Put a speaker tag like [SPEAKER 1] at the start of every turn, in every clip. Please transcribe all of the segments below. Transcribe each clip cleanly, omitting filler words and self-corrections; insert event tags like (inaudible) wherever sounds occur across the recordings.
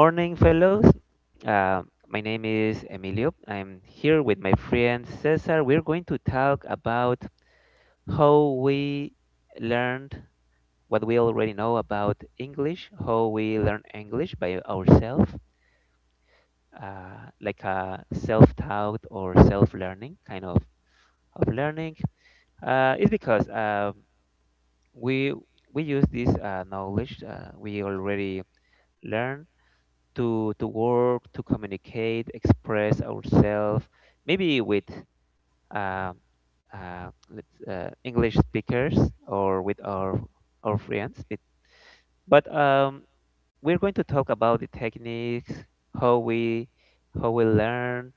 [SPEAKER 1] Good morning, fellows. My name is Emilio. I'm here with my friend Cesar. We're going to talk about how we learned what we already know about English, how we learn English by ourselves, like a self taught or self learning kind of learning. It's because we, we use this knowledge, we already learned to work, to communicate, express ourselves, maybe with um, English speakers or with our friends. But we're going to talk about the techniques, how we how we learn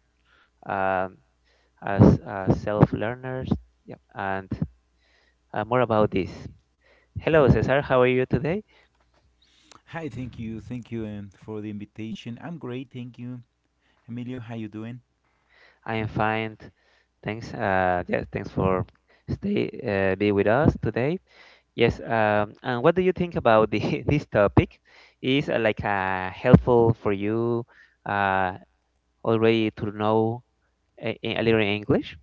[SPEAKER 1] um, as self learners, yeah, and more about this. Hello, Cesar. How are you today?
[SPEAKER 2] Hi, thank you for the invitation. I'm great, thank you. Emilio, how you doing?
[SPEAKER 1] I am fine. Thanks. Yeah, thanks for stay be with us today. Yes, and what do you think about (laughs) this topic? Is like helpful for you uh, already to know a little English?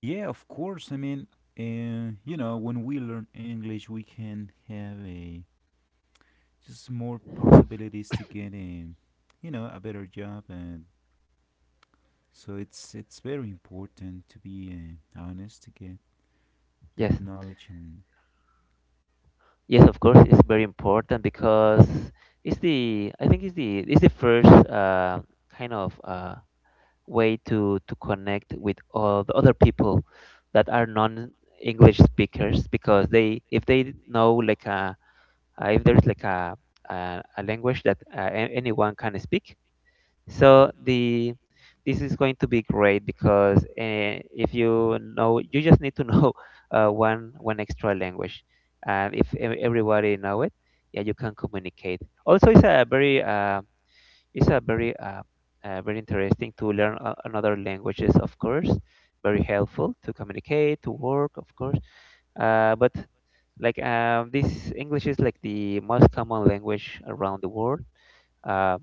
[SPEAKER 2] Yeah, of course. I mean, you know, when we learn English, we can have a just more possibilities to get a, you know, a better job, and so it's very important to be honest to get that
[SPEAKER 1] Yes,
[SPEAKER 2] knowledge. And
[SPEAKER 1] yes, of course, it's very important because it's the I think it's the first kind of way to connect with all the other people that are non English speakers because they, if they know like a, if there's like a language that, anyone can speak, so the this is going to be great, because if you know, you just need to know (laughs) one extra language, and if everybody know it, yeah, you can communicate. Also it's a very, very interesting to learn another languages, of course. Very helpful to communicate, to work, of course, but like, this english is like the most common language around the world, uh,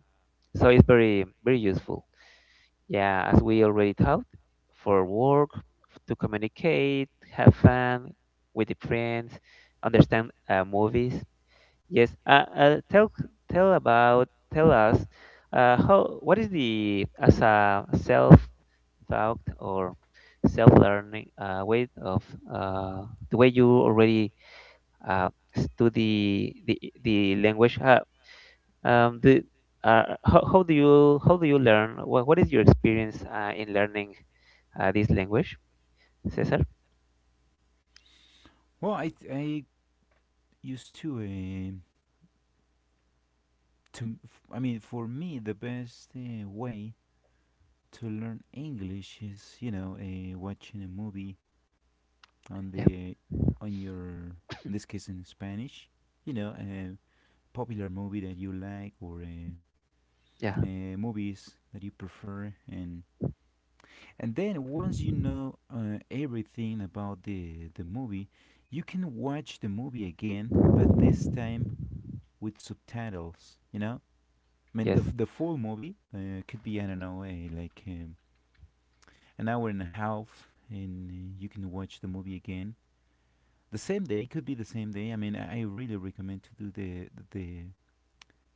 [SPEAKER 1] so it's very very useful, yeah, as we already talked, for work, to communicate, have fun with the friends, understand movies. Yes. Tell about tell us how, what is the, as a self taught or self learning way of, the way you already uh, study the language. The how do you How do you learn? What is your experience in learning this language, Cesar?
[SPEAKER 2] well, I used to to I mean, for me, the best way to learn English is, you know, watching a movie on
[SPEAKER 1] Yeah.
[SPEAKER 2] the on your in this case in Spanish, you know, a popular movie that you like or
[SPEAKER 1] Yeah.
[SPEAKER 2] movies that you prefer, and then once you know everything about the movie, you can watch the movie again, but this time with subtitles. You know, I mean
[SPEAKER 1] Yes.
[SPEAKER 2] the full movie could be I don't know, a like an hour and a half, and you can watch the movie again. The same day. It could be the same day. I mean, I really recommend to do the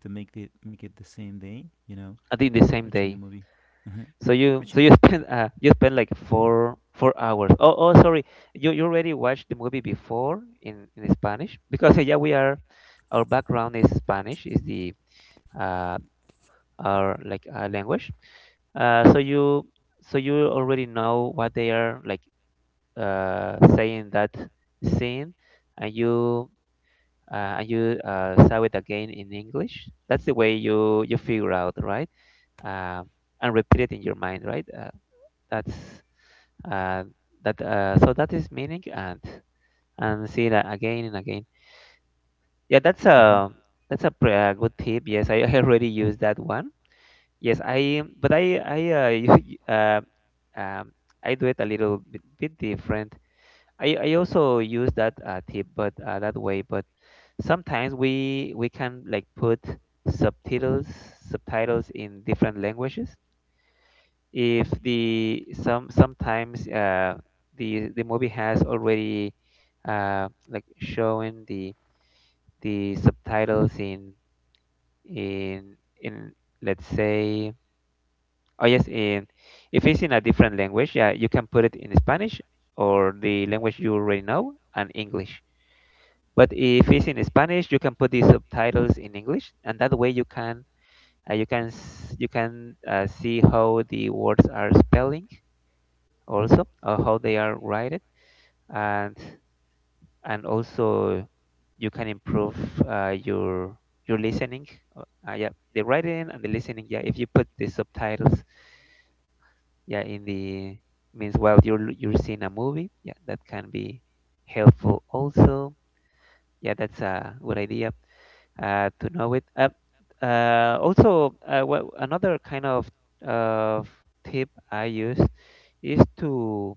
[SPEAKER 2] to make the make it the same day. You know,
[SPEAKER 1] I did the same
[SPEAKER 2] watching the
[SPEAKER 1] day.
[SPEAKER 2] movie, uh-huh.
[SPEAKER 1] So you
[SPEAKER 2] Watching.
[SPEAKER 1] (laughs) spend, uh, you spend like four hours. Oh sorry, you already watched the movie before in Spanish because, (laughs) yeah, we are, our background is Spanish, is the uh our, like, language. Uh so you so you already know what they are, like, saying that scene, and you, saw it again in English. That's the way you figure out, right, um and repeat it in your mind, right. That's uh, that So that is meaning, and see that again and again, yeah. That's
[SPEAKER 2] Hmm
[SPEAKER 1] a good tip, yes. I, (laughs) I already used that one. Yes. I but I (laughs) u- um, I do it a little bit, different. I also use that tip, but that way. But sometimes we can, like, put subtitles, in different languages. If the, sometimes the movie has already like showing the subtitles in in in let's say, oh yes in if it's in a different language, yeah, you can put it in Spanish, or the language you already know, and English. But if it's in Spanish, you can put the subtitles in English, and that way you can, you can you can, see how the words are spelling, also, how they are rated, and also you can improve your listening, uh, yeah, the writing and the listening. Yeah, if you put the subtitles, yeah, in the, means, while you're you're seeing a movie, yeah, that can be helpful also. Yeah, that's a good idea to know it. Also, another kind of of tip I use is to,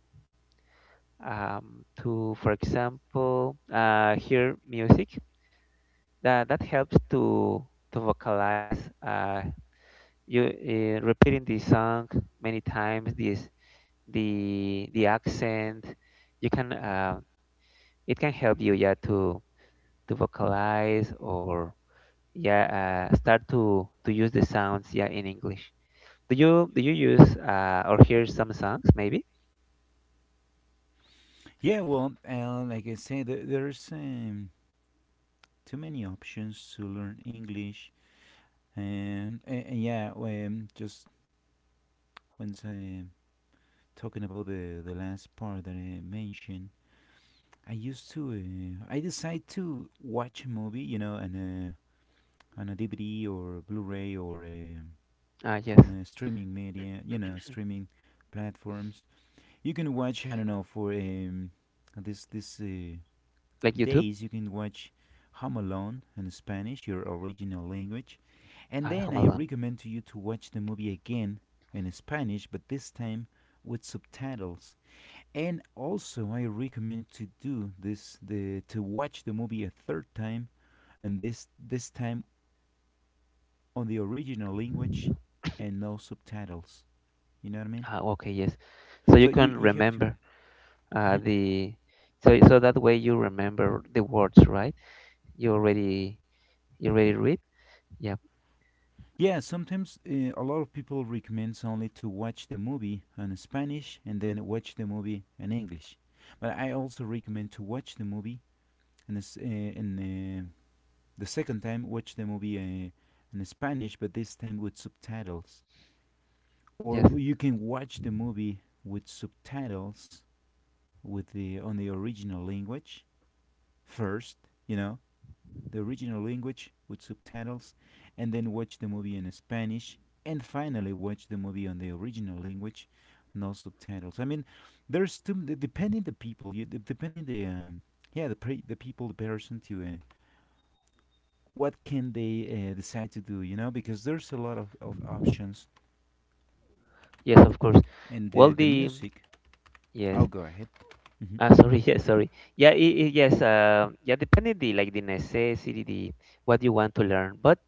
[SPEAKER 1] to, for example, hear music. That helps to vocalize. Uh, you, repeating the song many times. This, the accent. You can, it can help you, yeah, to vocalize, or, yeah, start to use the sounds, yeah, in English. Do you use, or hear some songs, maybe?
[SPEAKER 2] Yeah, well, like I said, there's too many options to learn English, and yeah, just once I talking about the last part that I mentioned, I used to, I decide to watch a movie, you know, and on a DVD or Blu-ray or
[SPEAKER 1] Yes,
[SPEAKER 2] on a streaming media, you know, streaming platforms. You can watch, I don't know, for this
[SPEAKER 1] like YouTube.
[SPEAKER 2] days you can watch Home Alone in Spanish, your original language. And then
[SPEAKER 1] Home
[SPEAKER 2] I
[SPEAKER 1] Alone.
[SPEAKER 2] recommend to you to watch the movie again in Spanish, but this time with subtitles. And also I recommend to do this the to watch the movie a third time and this time on the original language and no subtitles. You know what I mean?
[SPEAKER 1] Okay, yes. So
[SPEAKER 2] So
[SPEAKER 1] you
[SPEAKER 2] you
[SPEAKER 1] can
[SPEAKER 2] have to
[SPEAKER 1] remember
[SPEAKER 2] (laughs)
[SPEAKER 1] the so, so that way you remember the words, right? You already, you already read. Yeah.
[SPEAKER 2] Yeah, sometimes a lot of people recommends only to watch the movie in Spanish and then watch the movie in English. But I also recommend to watch and uh, in uh, the second time watch the movie in Spanish, but this time with subtitles.
[SPEAKER 1] Yes.
[SPEAKER 2] Or you can watch the movie with subtitles with the on the original language first, you know, the original language with subtitles, and then watch the movie in Spanish, and finally watch the movie on the original language, no subtitles. I mean, there's two. Depending the people, you, depending the yeah the people, the person to what can they decide to do, you know, because there's a lot of options,
[SPEAKER 1] Yes, of course.
[SPEAKER 2] and
[SPEAKER 1] Well,
[SPEAKER 2] the
[SPEAKER 1] the
[SPEAKER 2] music.
[SPEAKER 1] Yes.
[SPEAKER 2] I'll go ahead. Hmm
[SPEAKER 1] Ah, (laughs) sorry. Yeah, I yes, yeah, depending the, like, the necessity, the what you want to learn. But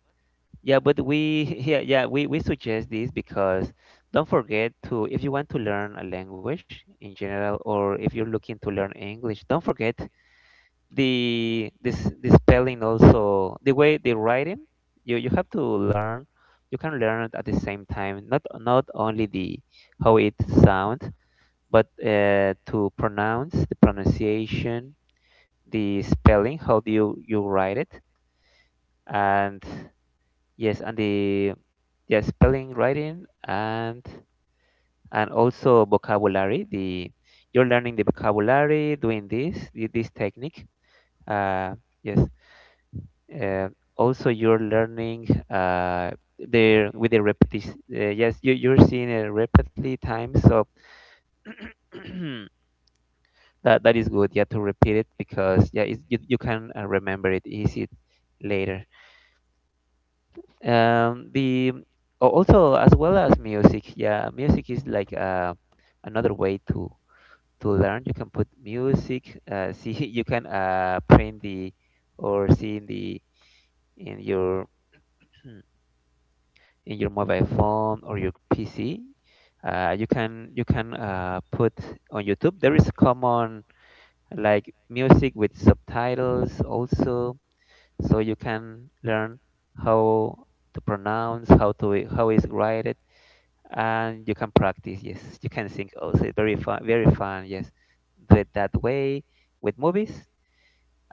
[SPEAKER 1] yeah, but we (laughs) yeah, yeah, we suggest this because, don't forget to, if you want to learn a language in general, or if you're looking to learn English, don't forget the spelling, also the way, the writing. You have to learn, you can learn it at the same time, not only the how it sounds, but, to pronounce the pronunciation, the spelling, how do you write it, and yes, and the, yeah, spelling, writing, and also vocabulary. The You're learning the vocabulary, doing this this technique. Uh, yes. Uh, Also, you're learning, there with the repetition. Yes, you, you're seeing it repeatedly times. So (clears throat) that is good. Yeah, to repeat it, because, yeah, you, you can, remember it easy later. The Oh, also, as well as music, yeah, music is like another way to learn. You can put music. See, (laughs) you can, print the, or see in the, in your (clears throat) in your mobile phone, or your PC. You can put on YouTube. There is common, like, music with subtitles also, so you can learn how to pronounce, how to, how is written, and you can practice. Yes, you can sing also. Very fun, very fun. Yes, do it that way, with movies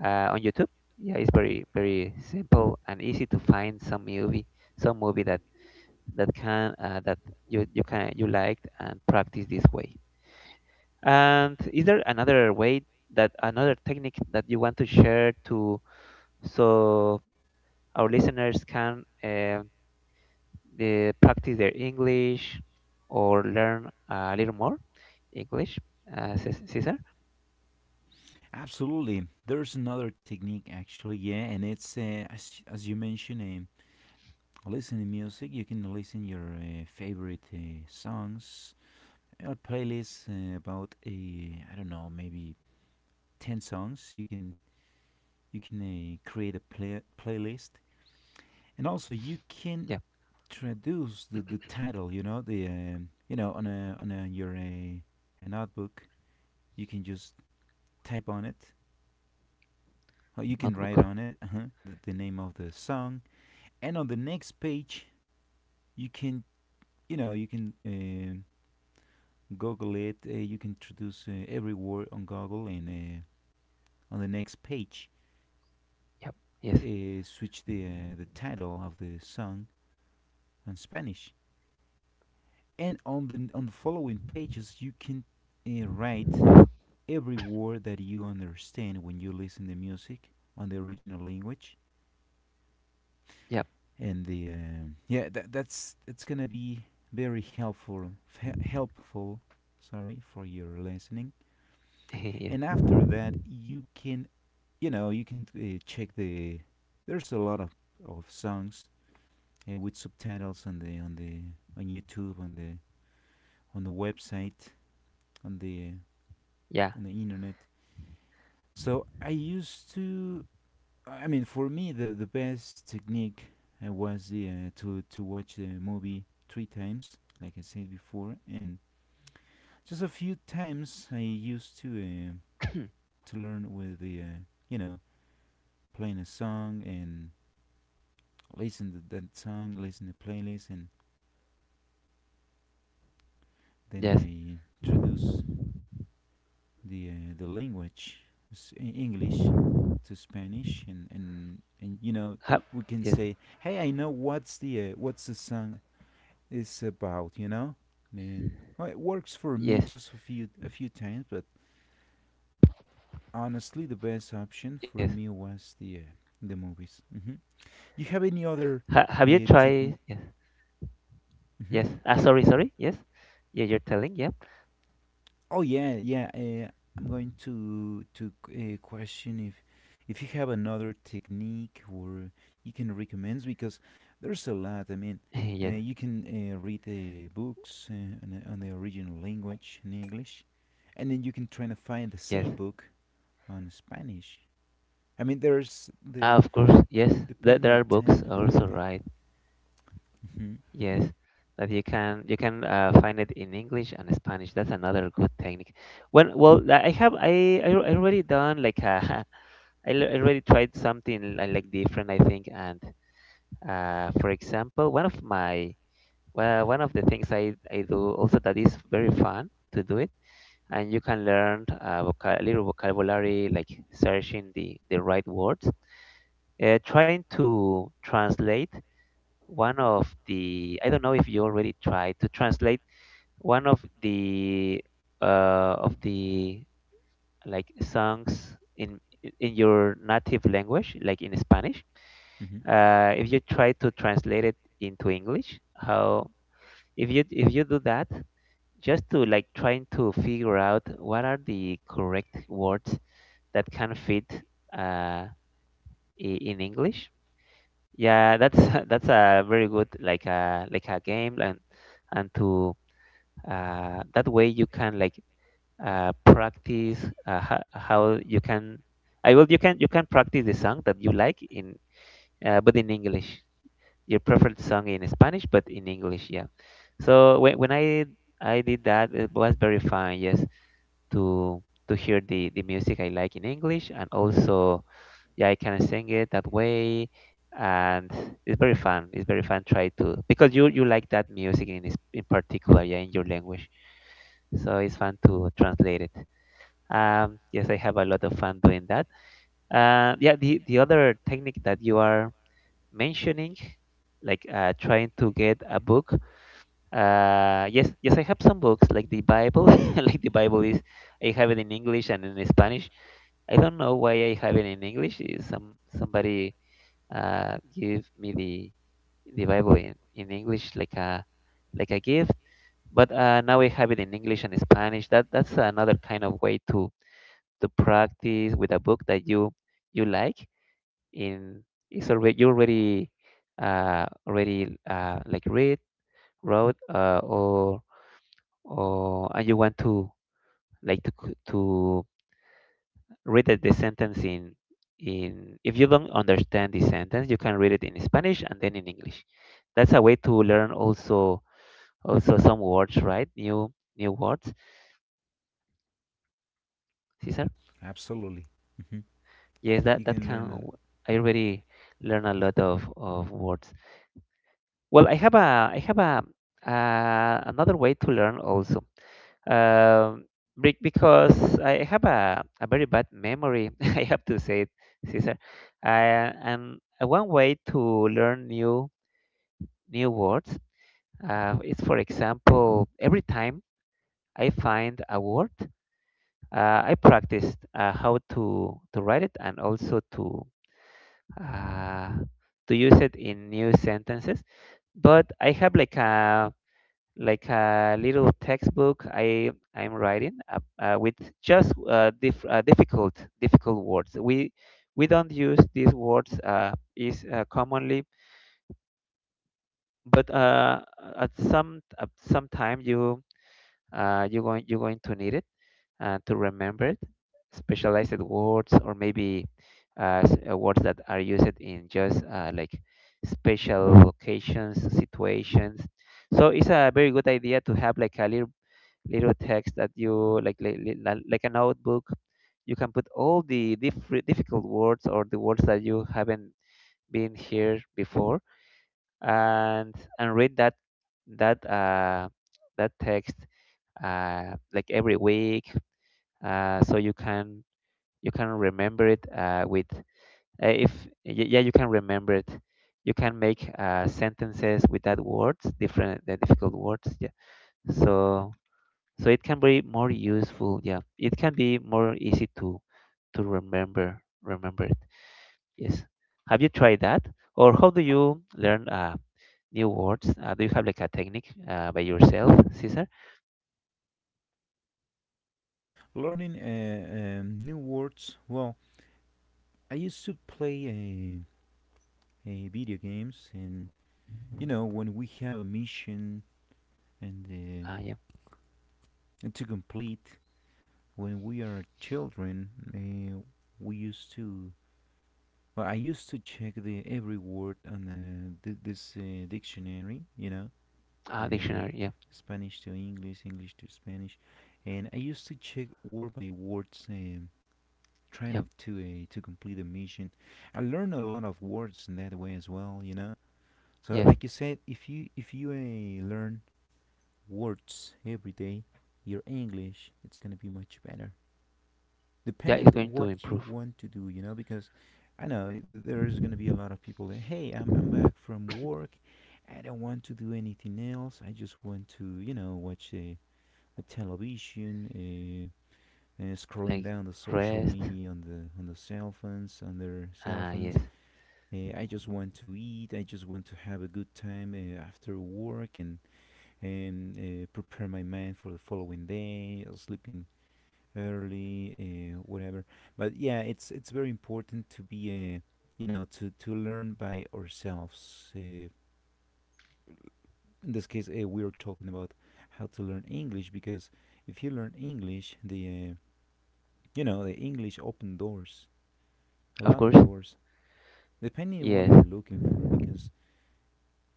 [SPEAKER 1] on youtube, yeah. It's very very simple and easy to find some movie, that that can, that you can, you liked, and practice this way. And is there another way, that another technique, that you want to share, to, so our listeners can, they practice their English, or learn a little more English. Caesar,
[SPEAKER 2] Absolutely, there's another technique actually, yeah, and it's as you mentioned, um, listening music. You can listen your favorite songs. A playlist about a I don't know maybe ten songs. You can create a playlist, and also you can
[SPEAKER 1] yeah,
[SPEAKER 2] traduce the title. You know the you know on a your a notebook. You can just type on it. Or you can write
[SPEAKER 1] notebook.
[SPEAKER 2] on it the name of the song, and on the next page you can you know you can Google it. You can introduce every word on Google, and on the next page,
[SPEAKER 1] Yep. Yes.
[SPEAKER 2] switch the title of the song on Spanish. And on the following pages, you can write every word that you understand when you listen to music on the original language.
[SPEAKER 1] Yep.
[SPEAKER 2] And the yeah, that's it's gonna be very helpful helpful. Sorry for your listening,
[SPEAKER 1] (laughs) yes.
[SPEAKER 2] and after that you can you know you can check the there's a lot of songs with subtitles on the on the on YouTube on the website on the
[SPEAKER 1] Yeah.
[SPEAKER 2] on the internet, so I used to. I mean, for me the best technique was the to watch the movie three times like I said before, and just a few times I used to learn with the you know playing a song and listen to that song, listen to the playlist, and then
[SPEAKER 1] Yes.
[SPEAKER 2] they introduce the language, English, to Spanish, and and you know
[SPEAKER 1] Have.
[SPEAKER 2] we can
[SPEAKER 1] Yes.
[SPEAKER 2] say, hey, I know what's the song is about, you know, man. Well, it works for me
[SPEAKER 1] Yes.
[SPEAKER 2] just a few times, but honestly, the best option for
[SPEAKER 1] Yes.
[SPEAKER 2] me was the movies. Hmm You have any other
[SPEAKER 1] Ha- have you
[SPEAKER 2] technique?
[SPEAKER 1] tried? Yes.
[SPEAKER 2] Hmm
[SPEAKER 1] Yes. Ah, sorry. Sorry. Yes. Yeah, you're telling. Yep.
[SPEAKER 2] Oh yeah, yeah. I'm going to question if you have another technique or you can recommend because there's a lot. I mean,
[SPEAKER 1] (laughs) yes.
[SPEAKER 2] you can read the books on the original language in English, and then you can try to find the
[SPEAKER 1] Yes.
[SPEAKER 2] same book on Spanish. I mean, there's
[SPEAKER 1] Ah,
[SPEAKER 2] the
[SPEAKER 1] of course. Yes. There,
[SPEAKER 2] depending the
[SPEAKER 1] are books
[SPEAKER 2] time, depending
[SPEAKER 1] also,
[SPEAKER 2] the.
[SPEAKER 1] right?
[SPEAKER 2] Hmm
[SPEAKER 1] Yes, that you can, find it in English and Spanish. That's another good technique. When, well, I have, I already done, like a, (laughs) I already tried something like different, I think. And for example, one of my, well, one of the things I do also, that is very fun to do it, and you can learn, little vocabulary, like searching the right words, trying to translate one of the, I don't know if you already tried to translate one of the, uh, of the like songs in your native language, like in Spanish.
[SPEAKER 2] hmm
[SPEAKER 1] If you try to translate it into English, how, if you, do that, just to, like, trying to figure out what are the correct words that can fit uh, i- in English. Yeah, that's (laughs) that's a very good, like a, like a game, and to, that way you can, like, practice, how you can, I will, you can, practice the song that you like in, but in English, your preferred song in Spanish, but in English, yeah. So when, I did that, it was very fun, yes, to to hear the music I like in English, and also, yeah, I can sing it that way. And it's very fun, it's very fun, try to, because you like that music in, in particular, yeah, in your language, so it's fun to translate it. Yes, I have a lot of fun doing that. Yeah, the other technique that you are mentioning, like, trying to get a book. Yes, yes, I have some books, like the Bible. (laughs) Like the Bible is, I have it in English and in Spanish. I don't know why I have it in English. Is, somebody give me the Bible in English, like a, like a gift, but now I have it in English and Spanish. That's another kind of way to practice with a book that you like in it's already you already already like read wrote or and you want to like to read the sentence in if you don't understand the sentence you can read it in Spanish and then in English. That's a way to learn also, also some words, right? New words, Cesar.
[SPEAKER 2] Absolutely,
[SPEAKER 1] Yes, that
[SPEAKER 2] you
[SPEAKER 1] that
[SPEAKER 2] can
[SPEAKER 1] can,
[SPEAKER 2] learn a,
[SPEAKER 1] I already learn a lot of words. Well, I have a another way to learn also. Um, because I have a very bad memory, (laughs) I have to say it, Cesar. Uh, and one way to learn new words is, for example, every time I find a word, I practiced how to write it and also uh, to use it in new sentences. But I have like a little textbook I'm writing with just difficult words. We don't use these words is commonly, but at some time you you going you're going to need it to remember it, specialized words or maybe words that are used in just like special locations situations. So it's a very good idea to have like a little text that you like, a notebook. You can put all the different difficult words or the words that you haven't been here before, and read that uh that text like every week, so you can remember it with if yeah, you can remember it. You can make sentences with that words, different, the difficult words, yeah. So it can be more useful, yeah, it can be more easy to remember it. Yes. Have you tried that, or how do you learn new words? Do you have like a technique by yourself, Cesar?
[SPEAKER 2] learning new words. Well, I used to play a video games, and you know when we have a mission and
[SPEAKER 1] Yeah.
[SPEAKER 2] to complete. When we are children, uh, we used to. Well, I used to check the every word on this dictionary. You know the
[SPEAKER 1] Dictionary, yeah.
[SPEAKER 2] Spanish to English, English to Spanish, and I used to check word by words. Trying
[SPEAKER 1] Yep.
[SPEAKER 2] of to complete a mission. I learned a lot of words in that way as well, you know, so
[SPEAKER 1] Yes.
[SPEAKER 2] like you said, if you learn words every day, your English it's gonna be much better.
[SPEAKER 1] Yeah, it's
[SPEAKER 2] Depending
[SPEAKER 1] going to
[SPEAKER 2] what you
[SPEAKER 1] improve.
[SPEAKER 2] want to do, you know, because I know there's gonna be a lot of people that hey, I'm back from work, I don't want to do anything else. I just want to you know watch a television. Scrolling
[SPEAKER 1] Like
[SPEAKER 2] down the social
[SPEAKER 1] rest.
[SPEAKER 2] media on the cell phones on their cell phones.
[SPEAKER 1] Yes.
[SPEAKER 2] I just want to eat. I just want to have a good time after work and and prepare my mind for the following day, sleeping early, whatever. But yeah, it's very important to be, you know, to learn by ourselves. In this case, we are talking about how to learn English because if you learn English, the you know the English open doors, a
[SPEAKER 1] Of
[SPEAKER 2] lot
[SPEAKER 1] course.
[SPEAKER 2] of doors, depending on what
[SPEAKER 1] Yes.
[SPEAKER 2] you're looking for. Because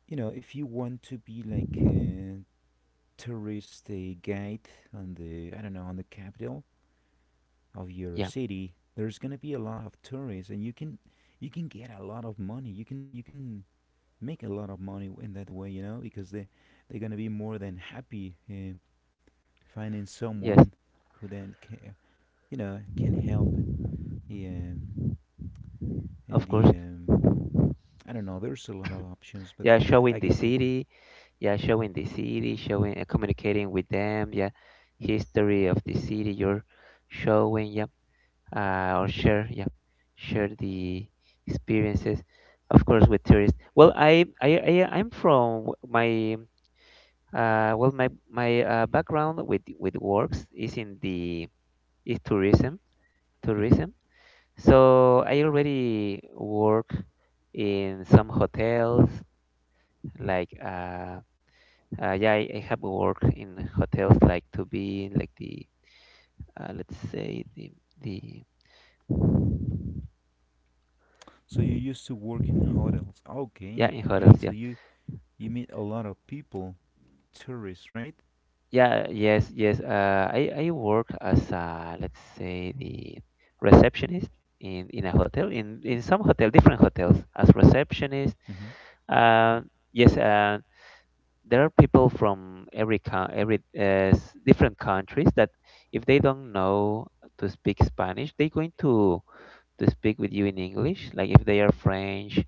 [SPEAKER 2] you know, if you want to be like a tourist guide on the I don't know on the capital, of your
[SPEAKER 1] Yeah.
[SPEAKER 2] city, there's gonna be a lot of tourists, and you can get a lot of money. You can make a lot of money in that way, you know, because they they're gonna be more than happy finding
[SPEAKER 1] Yes.
[SPEAKER 2] someone who then can, you know can help. Yeah,
[SPEAKER 1] Of
[SPEAKER 2] and the
[SPEAKER 1] course.
[SPEAKER 2] I don't know. There's a lot of options, but
[SPEAKER 1] Yeah, showing
[SPEAKER 2] like
[SPEAKER 1] the
[SPEAKER 2] I said, yeah.
[SPEAKER 1] city, yeah, showing the city, showing, communicating with them, yeah, history of the city you're showing, yeah, or share, yeah, share the experiences, of course, with tourists. Well, I'm from my well my background with works is in the is tourism,
[SPEAKER 2] hmm
[SPEAKER 1] tourism. So I already work in some hotels like. Yeah, I have worked in hotels like to be in like the let's say the the
[SPEAKER 2] so you used to work in hotels.
[SPEAKER 1] yeah
[SPEAKER 2] Okay,
[SPEAKER 1] in hotels,
[SPEAKER 2] great.
[SPEAKER 1] yeah.
[SPEAKER 2] So you meet a lot of people, tourists, right?
[SPEAKER 1] Yeah, yes, yes, I work as a, let's say the receptionist in a hotel in some hotel, different hotels as receptionist.
[SPEAKER 2] Mm-hmm.
[SPEAKER 1] uh, yes. There are people from every different countries that if they don't know to speak Spanish they're going to speak with you in English. Like if they are French,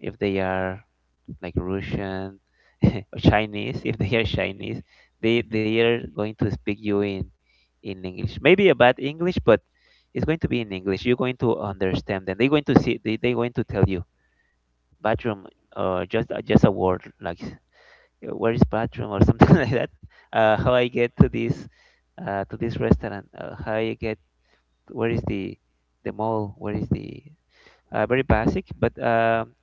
[SPEAKER 1] if they are like Russian, (laughs) or Chinese, if they are Chinese,
[SPEAKER 2] Mm-hmm.
[SPEAKER 1] they are going to speak you in English. Maybe a bad English, but it's going to be in English. You're going to understand them. They're going to see. They're going to tell you bathroom, or just a word like where is bathroom, or something (laughs) like that. How I get to this restaurant? How I get, where is the mall? Where is the very basic, but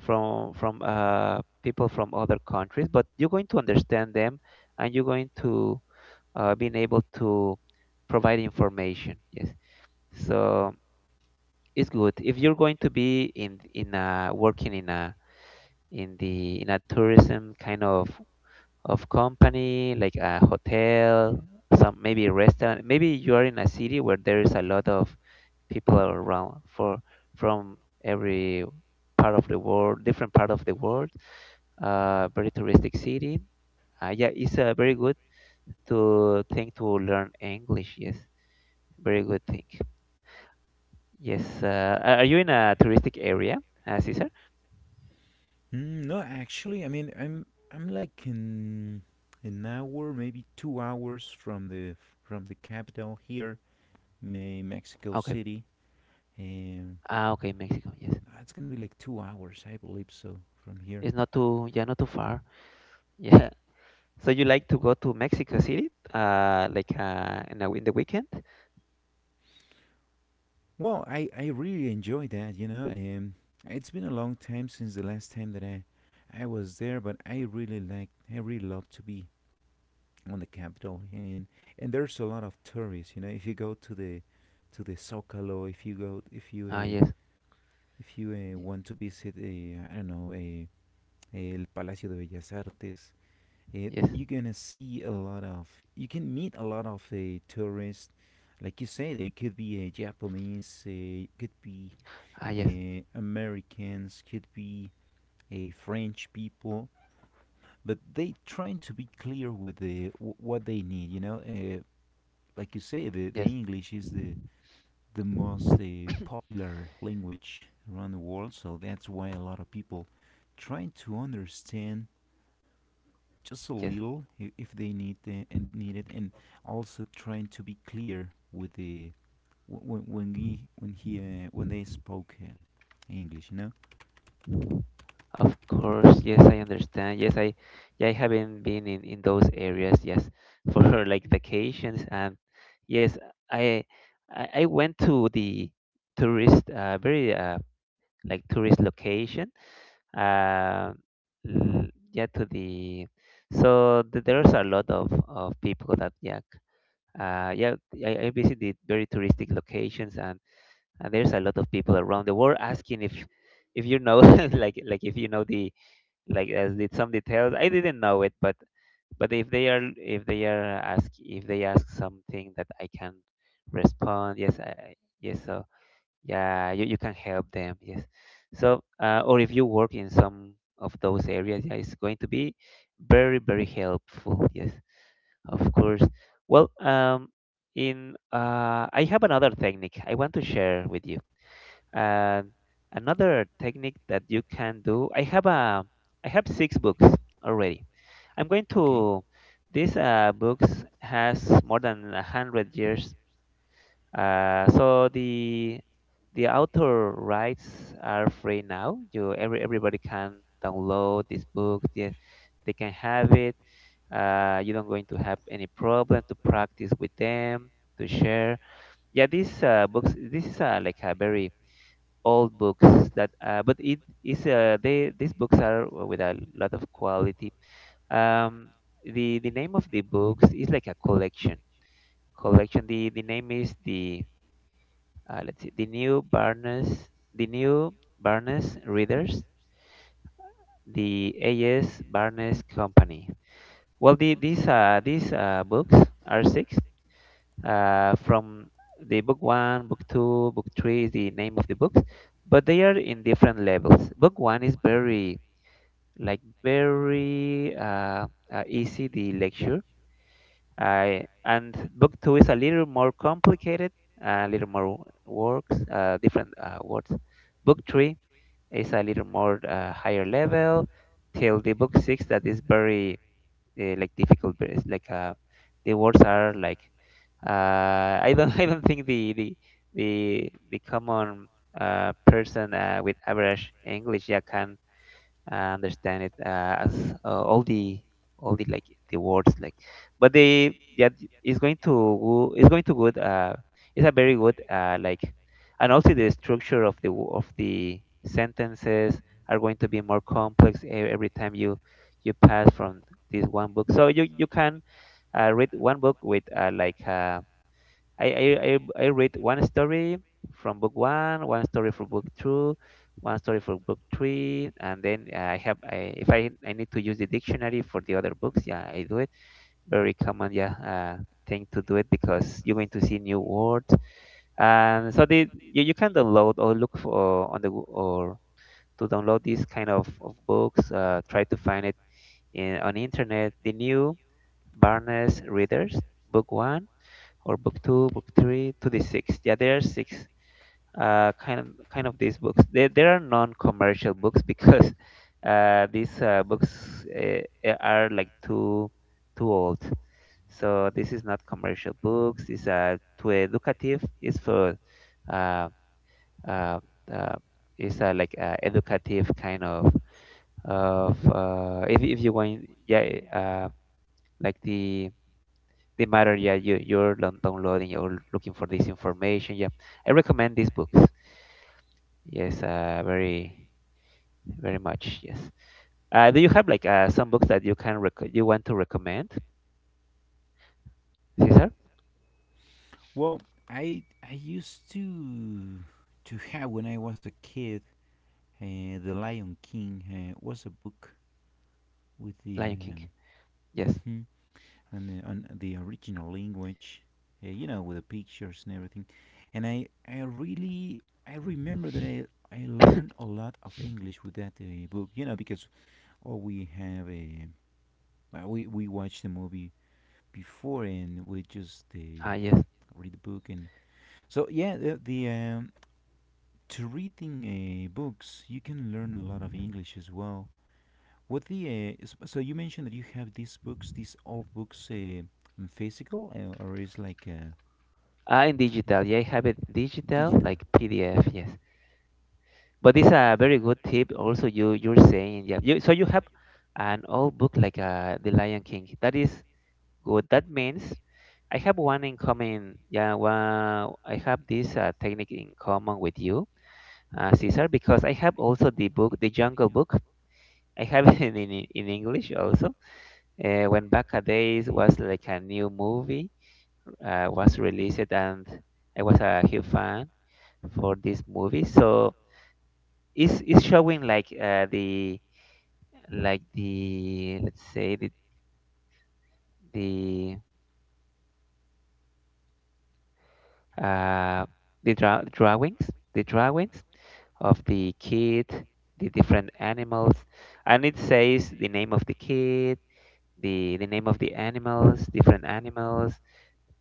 [SPEAKER 1] from people from other countries. But you're going to understand them, and you're going to being able to provide information. Yes, so it's good if you're going to be in a, working in a in the in a tourism kind of company like a hotel, some maybe a restaurant, maybe you are in a city where there is a lot of people are around for from every part of the world, different part of the world. Very touristic city. Yeah, it's a very good to thing to learn English. Yes, very good thing. Yes. Are you in a touristic area, Cesar?
[SPEAKER 2] Mm, no, actually, I mean, I'm like in an hour, maybe 2 hours from the capital here, Me- Mexico
[SPEAKER 1] Okay.
[SPEAKER 2] City, and
[SPEAKER 1] Ah, okay, Mexico. Yes,
[SPEAKER 2] it's gonna be like 2 hours, I believe so, from here.
[SPEAKER 1] it's not too, yeah, not too far. (laughs) Yeah. So you like to go to Mexico City, like in the weekend?
[SPEAKER 2] Well, I really enjoy that, you know, and it's been a long time since the last time that I was there, but I really like I really love to be on the capital, and there's a lot of tourists, you know, if you go to the Zocalo, if you
[SPEAKER 1] Ah, yes,
[SPEAKER 2] want to visit, I don't know, El Palacio de Bellas Artes,
[SPEAKER 1] yes.
[SPEAKER 2] you're gonna see a lot of, you can meet a lot of tourists. Like you said, it could be Japanese, could be
[SPEAKER 1] Ah, yes,
[SPEAKER 2] Americans, could be a French people, but they trying to be clear with w- what they need. You know, like you say, the
[SPEAKER 1] yes,
[SPEAKER 2] English is the most
[SPEAKER 1] (coughs)
[SPEAKER 2] popular language around the world, so that's why a lot of people trying to understand just a
[SPEAKER 1] yes.
[SPEAKER 2] little if they need the, and need it, and also trying to be clear with the when he when he when they spoke English, you know.
[SPEAKER 1] Of course, yes, I understand. Yes, I, yeah, I haven't been in those areas. Yes, for (laughs) like vacations. Yes, I, I went to the tourist, very like tourist location. Uh, l- yeah, to the, so there's a lot of people that yeah, yeah, I visited very touristic locations, and there's a lot of people around the world asking if you know (laughs) like if you know the like as did some details. I didn't know it, but if they are, if they are ask, if they ask something that I can respond, yes, I, yes, so yeah, you can help them, yes. So or if you work in some of those areas, yeah, it's going to be very helpful. Yes, of course. Well, in I have another technique I want to share with you. And another technique that you can do, I have a, I have six books already. I'm going
[SPEAKER 2] Okay.
[SPEAKER 1] to, these books has more than 100 years. So the author rights are free now. You every everybody can download this book. They can have it. You don't going to have any problem to practice with them to share. Yeah, these books. This is like a very old books that but it is they these books are with a lot of quality. um the name of the books is like a collection, collection. The name is the let's see, the new Barnes, the new Barnes Readers, the as Barnes Company. Well, the these books are six from the book one, book two, book three, is the name of the books. But they are in different levels. Book one is very like very easy the lecture. I and book two is a little more complicated, a little more works, different words. Book three is a little more higher level. Till the book six, that is very like difficult, but it's like the words are like I don't (laughs) I don't think the common person with average English, yeah, can I understand it as all the like the words like, but they yeah it's going to it's going to good. It's a very good like, and also the structure of the of the sentences are going to be more complex every time you you pass from this one book. So you can read one book with like. I, I, I, I read one story from book one, one story from book two, one story from book three, and then I have I, if I, I need to use the dictionary for the other books, yeah, I do it. Very common, yeah, thing to do it because you're going to see new words. And so the you, you can download or look for on the or to download these kind of books. Try to find it in on the internet. The new Barnes Readers, book one or book two, book three to the six. Yeah, there are six kind of these books. There are non-commercial books because (laughs) these books are like too too old. So this is not commercial books. It's too educative. It's for uh, uh, uh, it's like educative kind of if you want yeah like the matter, yeah, you, you're downloading or looking for this information. Yeah, I recommend these books. Yes, very much. Yes. Do you have like some books that you can you want to recommend, Cesar?
[SPEAKER 2] Well, I I used to have when I was a kid, The Lion King was a book with the
[SPEAKER 1] Lion King, yes.
[SPEAKER 2] (laughs) and the, on the original language, you know, with the pictures and everything. And I really, I remember that I
[SPEAKER 1] (coughs) Ah,
[SPEAKER 2] learned a lot of English with that book, you know, because all we have well, we watched the movie before and we just
[SPEAKER 1] yes.
[SPEAKER 2] read the book, and so yeah, the to reading books you can learn a lot of English as well. What so you mentioned that you have these books, these old books, in physical, or is like
[SPEAKER 1] Ah, in digital, yeah, I have it digital
[SPEAKER 2] digital.
[SPEAKER 1] like PDF. Yes, but it's a very good tip also you you're saying, yeah, you, so you have an old book like the Lion King that is good. That means I have one in common. Yeah, well, I have this technique in common with you, Cesar, because I have also the book, the Jungle Book. I have (laughs) it in English also. When back a days was like a new movie was released, and I was a huge fan for this movie. So it's showing like the like the let's say the uh, the drawings, of the kid, the different animals, and it says the name of the kid, the name of the animals, different animals,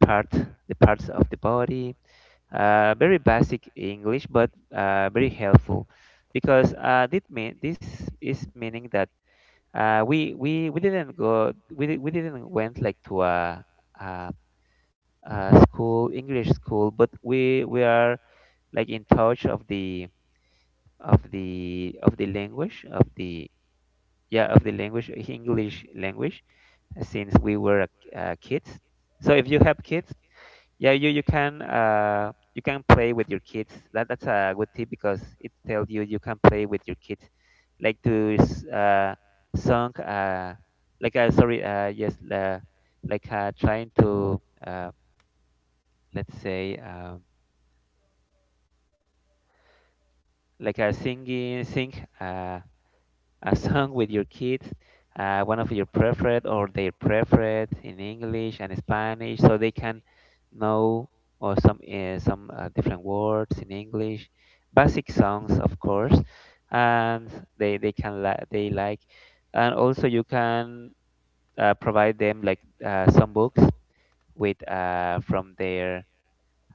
[SPEAKER 1] part the parts of the body. Very basic English, but very helpful because this is meaning that we didn't go we di- we didn't went like to a, a school English school, but we are like in touch of the of the of the language of the yeah of the language English language since we were kids. So if you have kids, yeah, you can you can play with your kids. That's a good tip because it tells you you can play with your kids, like to s- song like sorry yes like trying to, let's say, sing Uh, a song with your kids, one of your preferred or their preferred, in English and Spanish, so they can know or some different words in English, basic songs of course, and they like, and also you can provide them like some books with, from their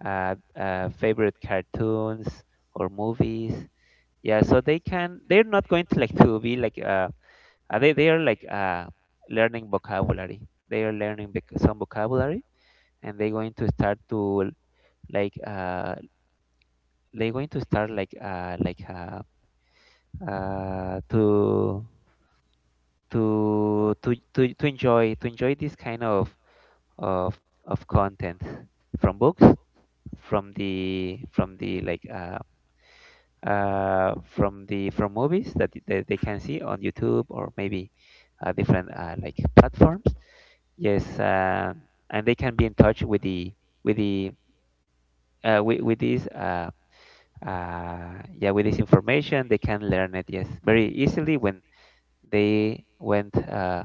[SPEAKER 1] favorite cartoons or movies. Yeah, so they can. They're not going to like to be like they are like learning vocabulary. They are learning some vocabulary, and they're going to start to like they're going to start like to to to enjoy this kind of of of content from books, from the like from the from movies that, that they can see on YouTube or maybe different like platforms. Yes. And they can be in touch with with the with this, yeah, with this information. They can learn it, yes, very easily when they went,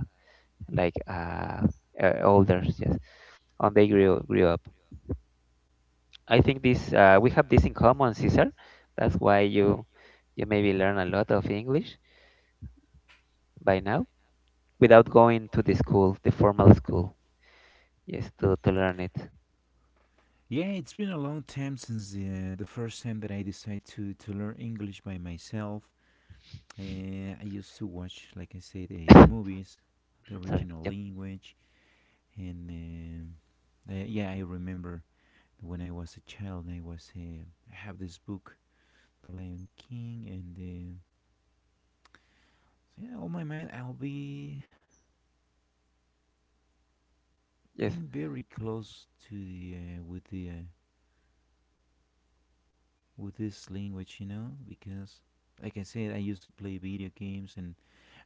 [SPEAKER 1] like uh, older, yes, on they grew grew up. I think this we have this in common, Cesar. That's why you maybe learn a lot of English by now without going to the school, the formal school. Yes, to learn it.
[SPEAKER 2] Yeah, it's been a long time since the first time that I decided to learn English by myself. I used to watch, like I said,
[SPEAKER 1] (coughs)
[SPEAKER 2] movies, the
[SPEAKER 1] Sorry.
[SPEAKER 2] original
[SPEAKER 1] Yep.
[SPEAKER 2] language, and yeah, I remember when I was a child, I have this book, The Lion King, and so yeah, on my mind, I'll be
[SPEAKER 1] Yes.
[SPEAKER 2] being very close to the with the with this language, you know, because like I said, I used to play video games, and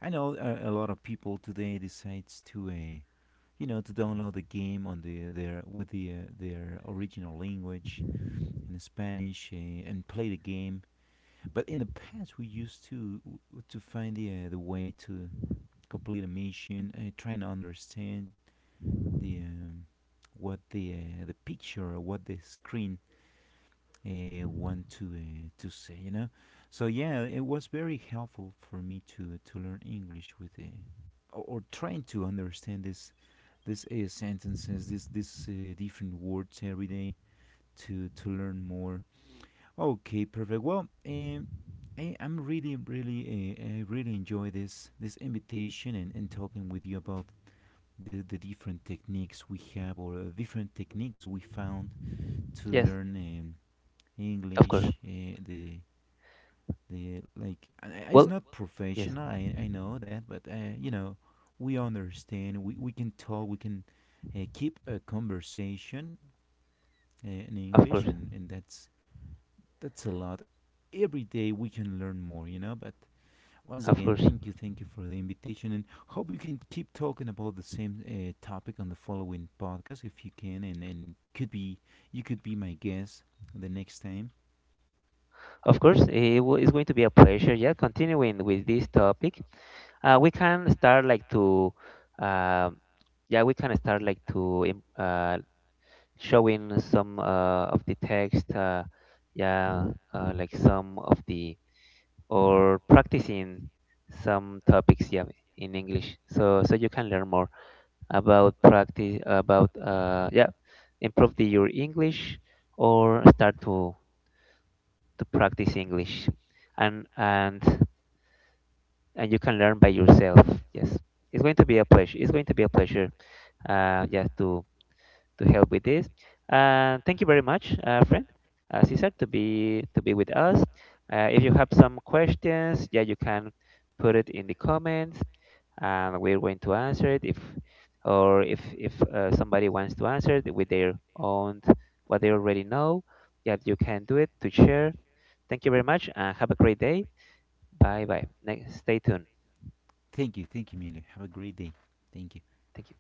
[SPEAKER 2] I know a lot of people today decides to, you know, to download the game on the their with their original language in Spanish, and play the game. But in the past, we used to find the way to complete a mission, trying to understand the what the picture, or what the screen want to say, you know. So yeah, it was very helpful for me to learn English with or trying to understand this sentences, this different words every day to learn more. Okay, perfect. Well, I'm really really I really enjoy this invitation and talking with you about the different techniques we have or different techniques we found to
[SPEAKER 1] Yes.
[SPEAKER 2] learn
[SPEAKER 1] Of course.
[SPEAKER 2] English, the like it's
[SPEAKER 1] Well,
[SPEAKER 2] not
[SPEAKER 1] yes,
[SPEAKER 2] professional, I know that, but you know we understand we can talk we can keep a conversation in
[SPEAKER 1] of
[SPEAKER 2] English,
[SPEAKER 1] course,
[SPEAKER 2] and that's a lot. Every day we can learn more, you know, but once
[SPEAKER 1] of
[SPEAKER 2] again,
[SPEAKER 1] course,
[SPEAKER 2] thank you, thank you for the invitation, and hope you can keep talking about the same topic on the following podcast if you can, and could be you could be my guest the next time.
[SPEAKER 1] of course. It w- it's going to be a pleasure. Yeah, continuing with this topic, we can start like to, um yeah, we can start like to showing some of the text, yeah, like some of the, or practicing some topics, yeah, in English. So you can learn more about practice, about, improve the, your English, or start to practice English, and and and you can learn by yourself. Yes, it's going to be a pleasure. It's going to be a pleasure. Yes, to help with this. Thank you very much, friend Cesar, to be with us. If you have some questions, yeah, you can put it in the comments, and we're going to answer it. If or if if somebody wants to answer it with their own what they already know, yeah, you can do it to share. Thank you very much and have a great day. Bye bye. Next, stay tuned.
[SPEAKER 2] Thank you, thank you, Miller. Have a great day. Thank you.
[SPEAKER 1] Thank you.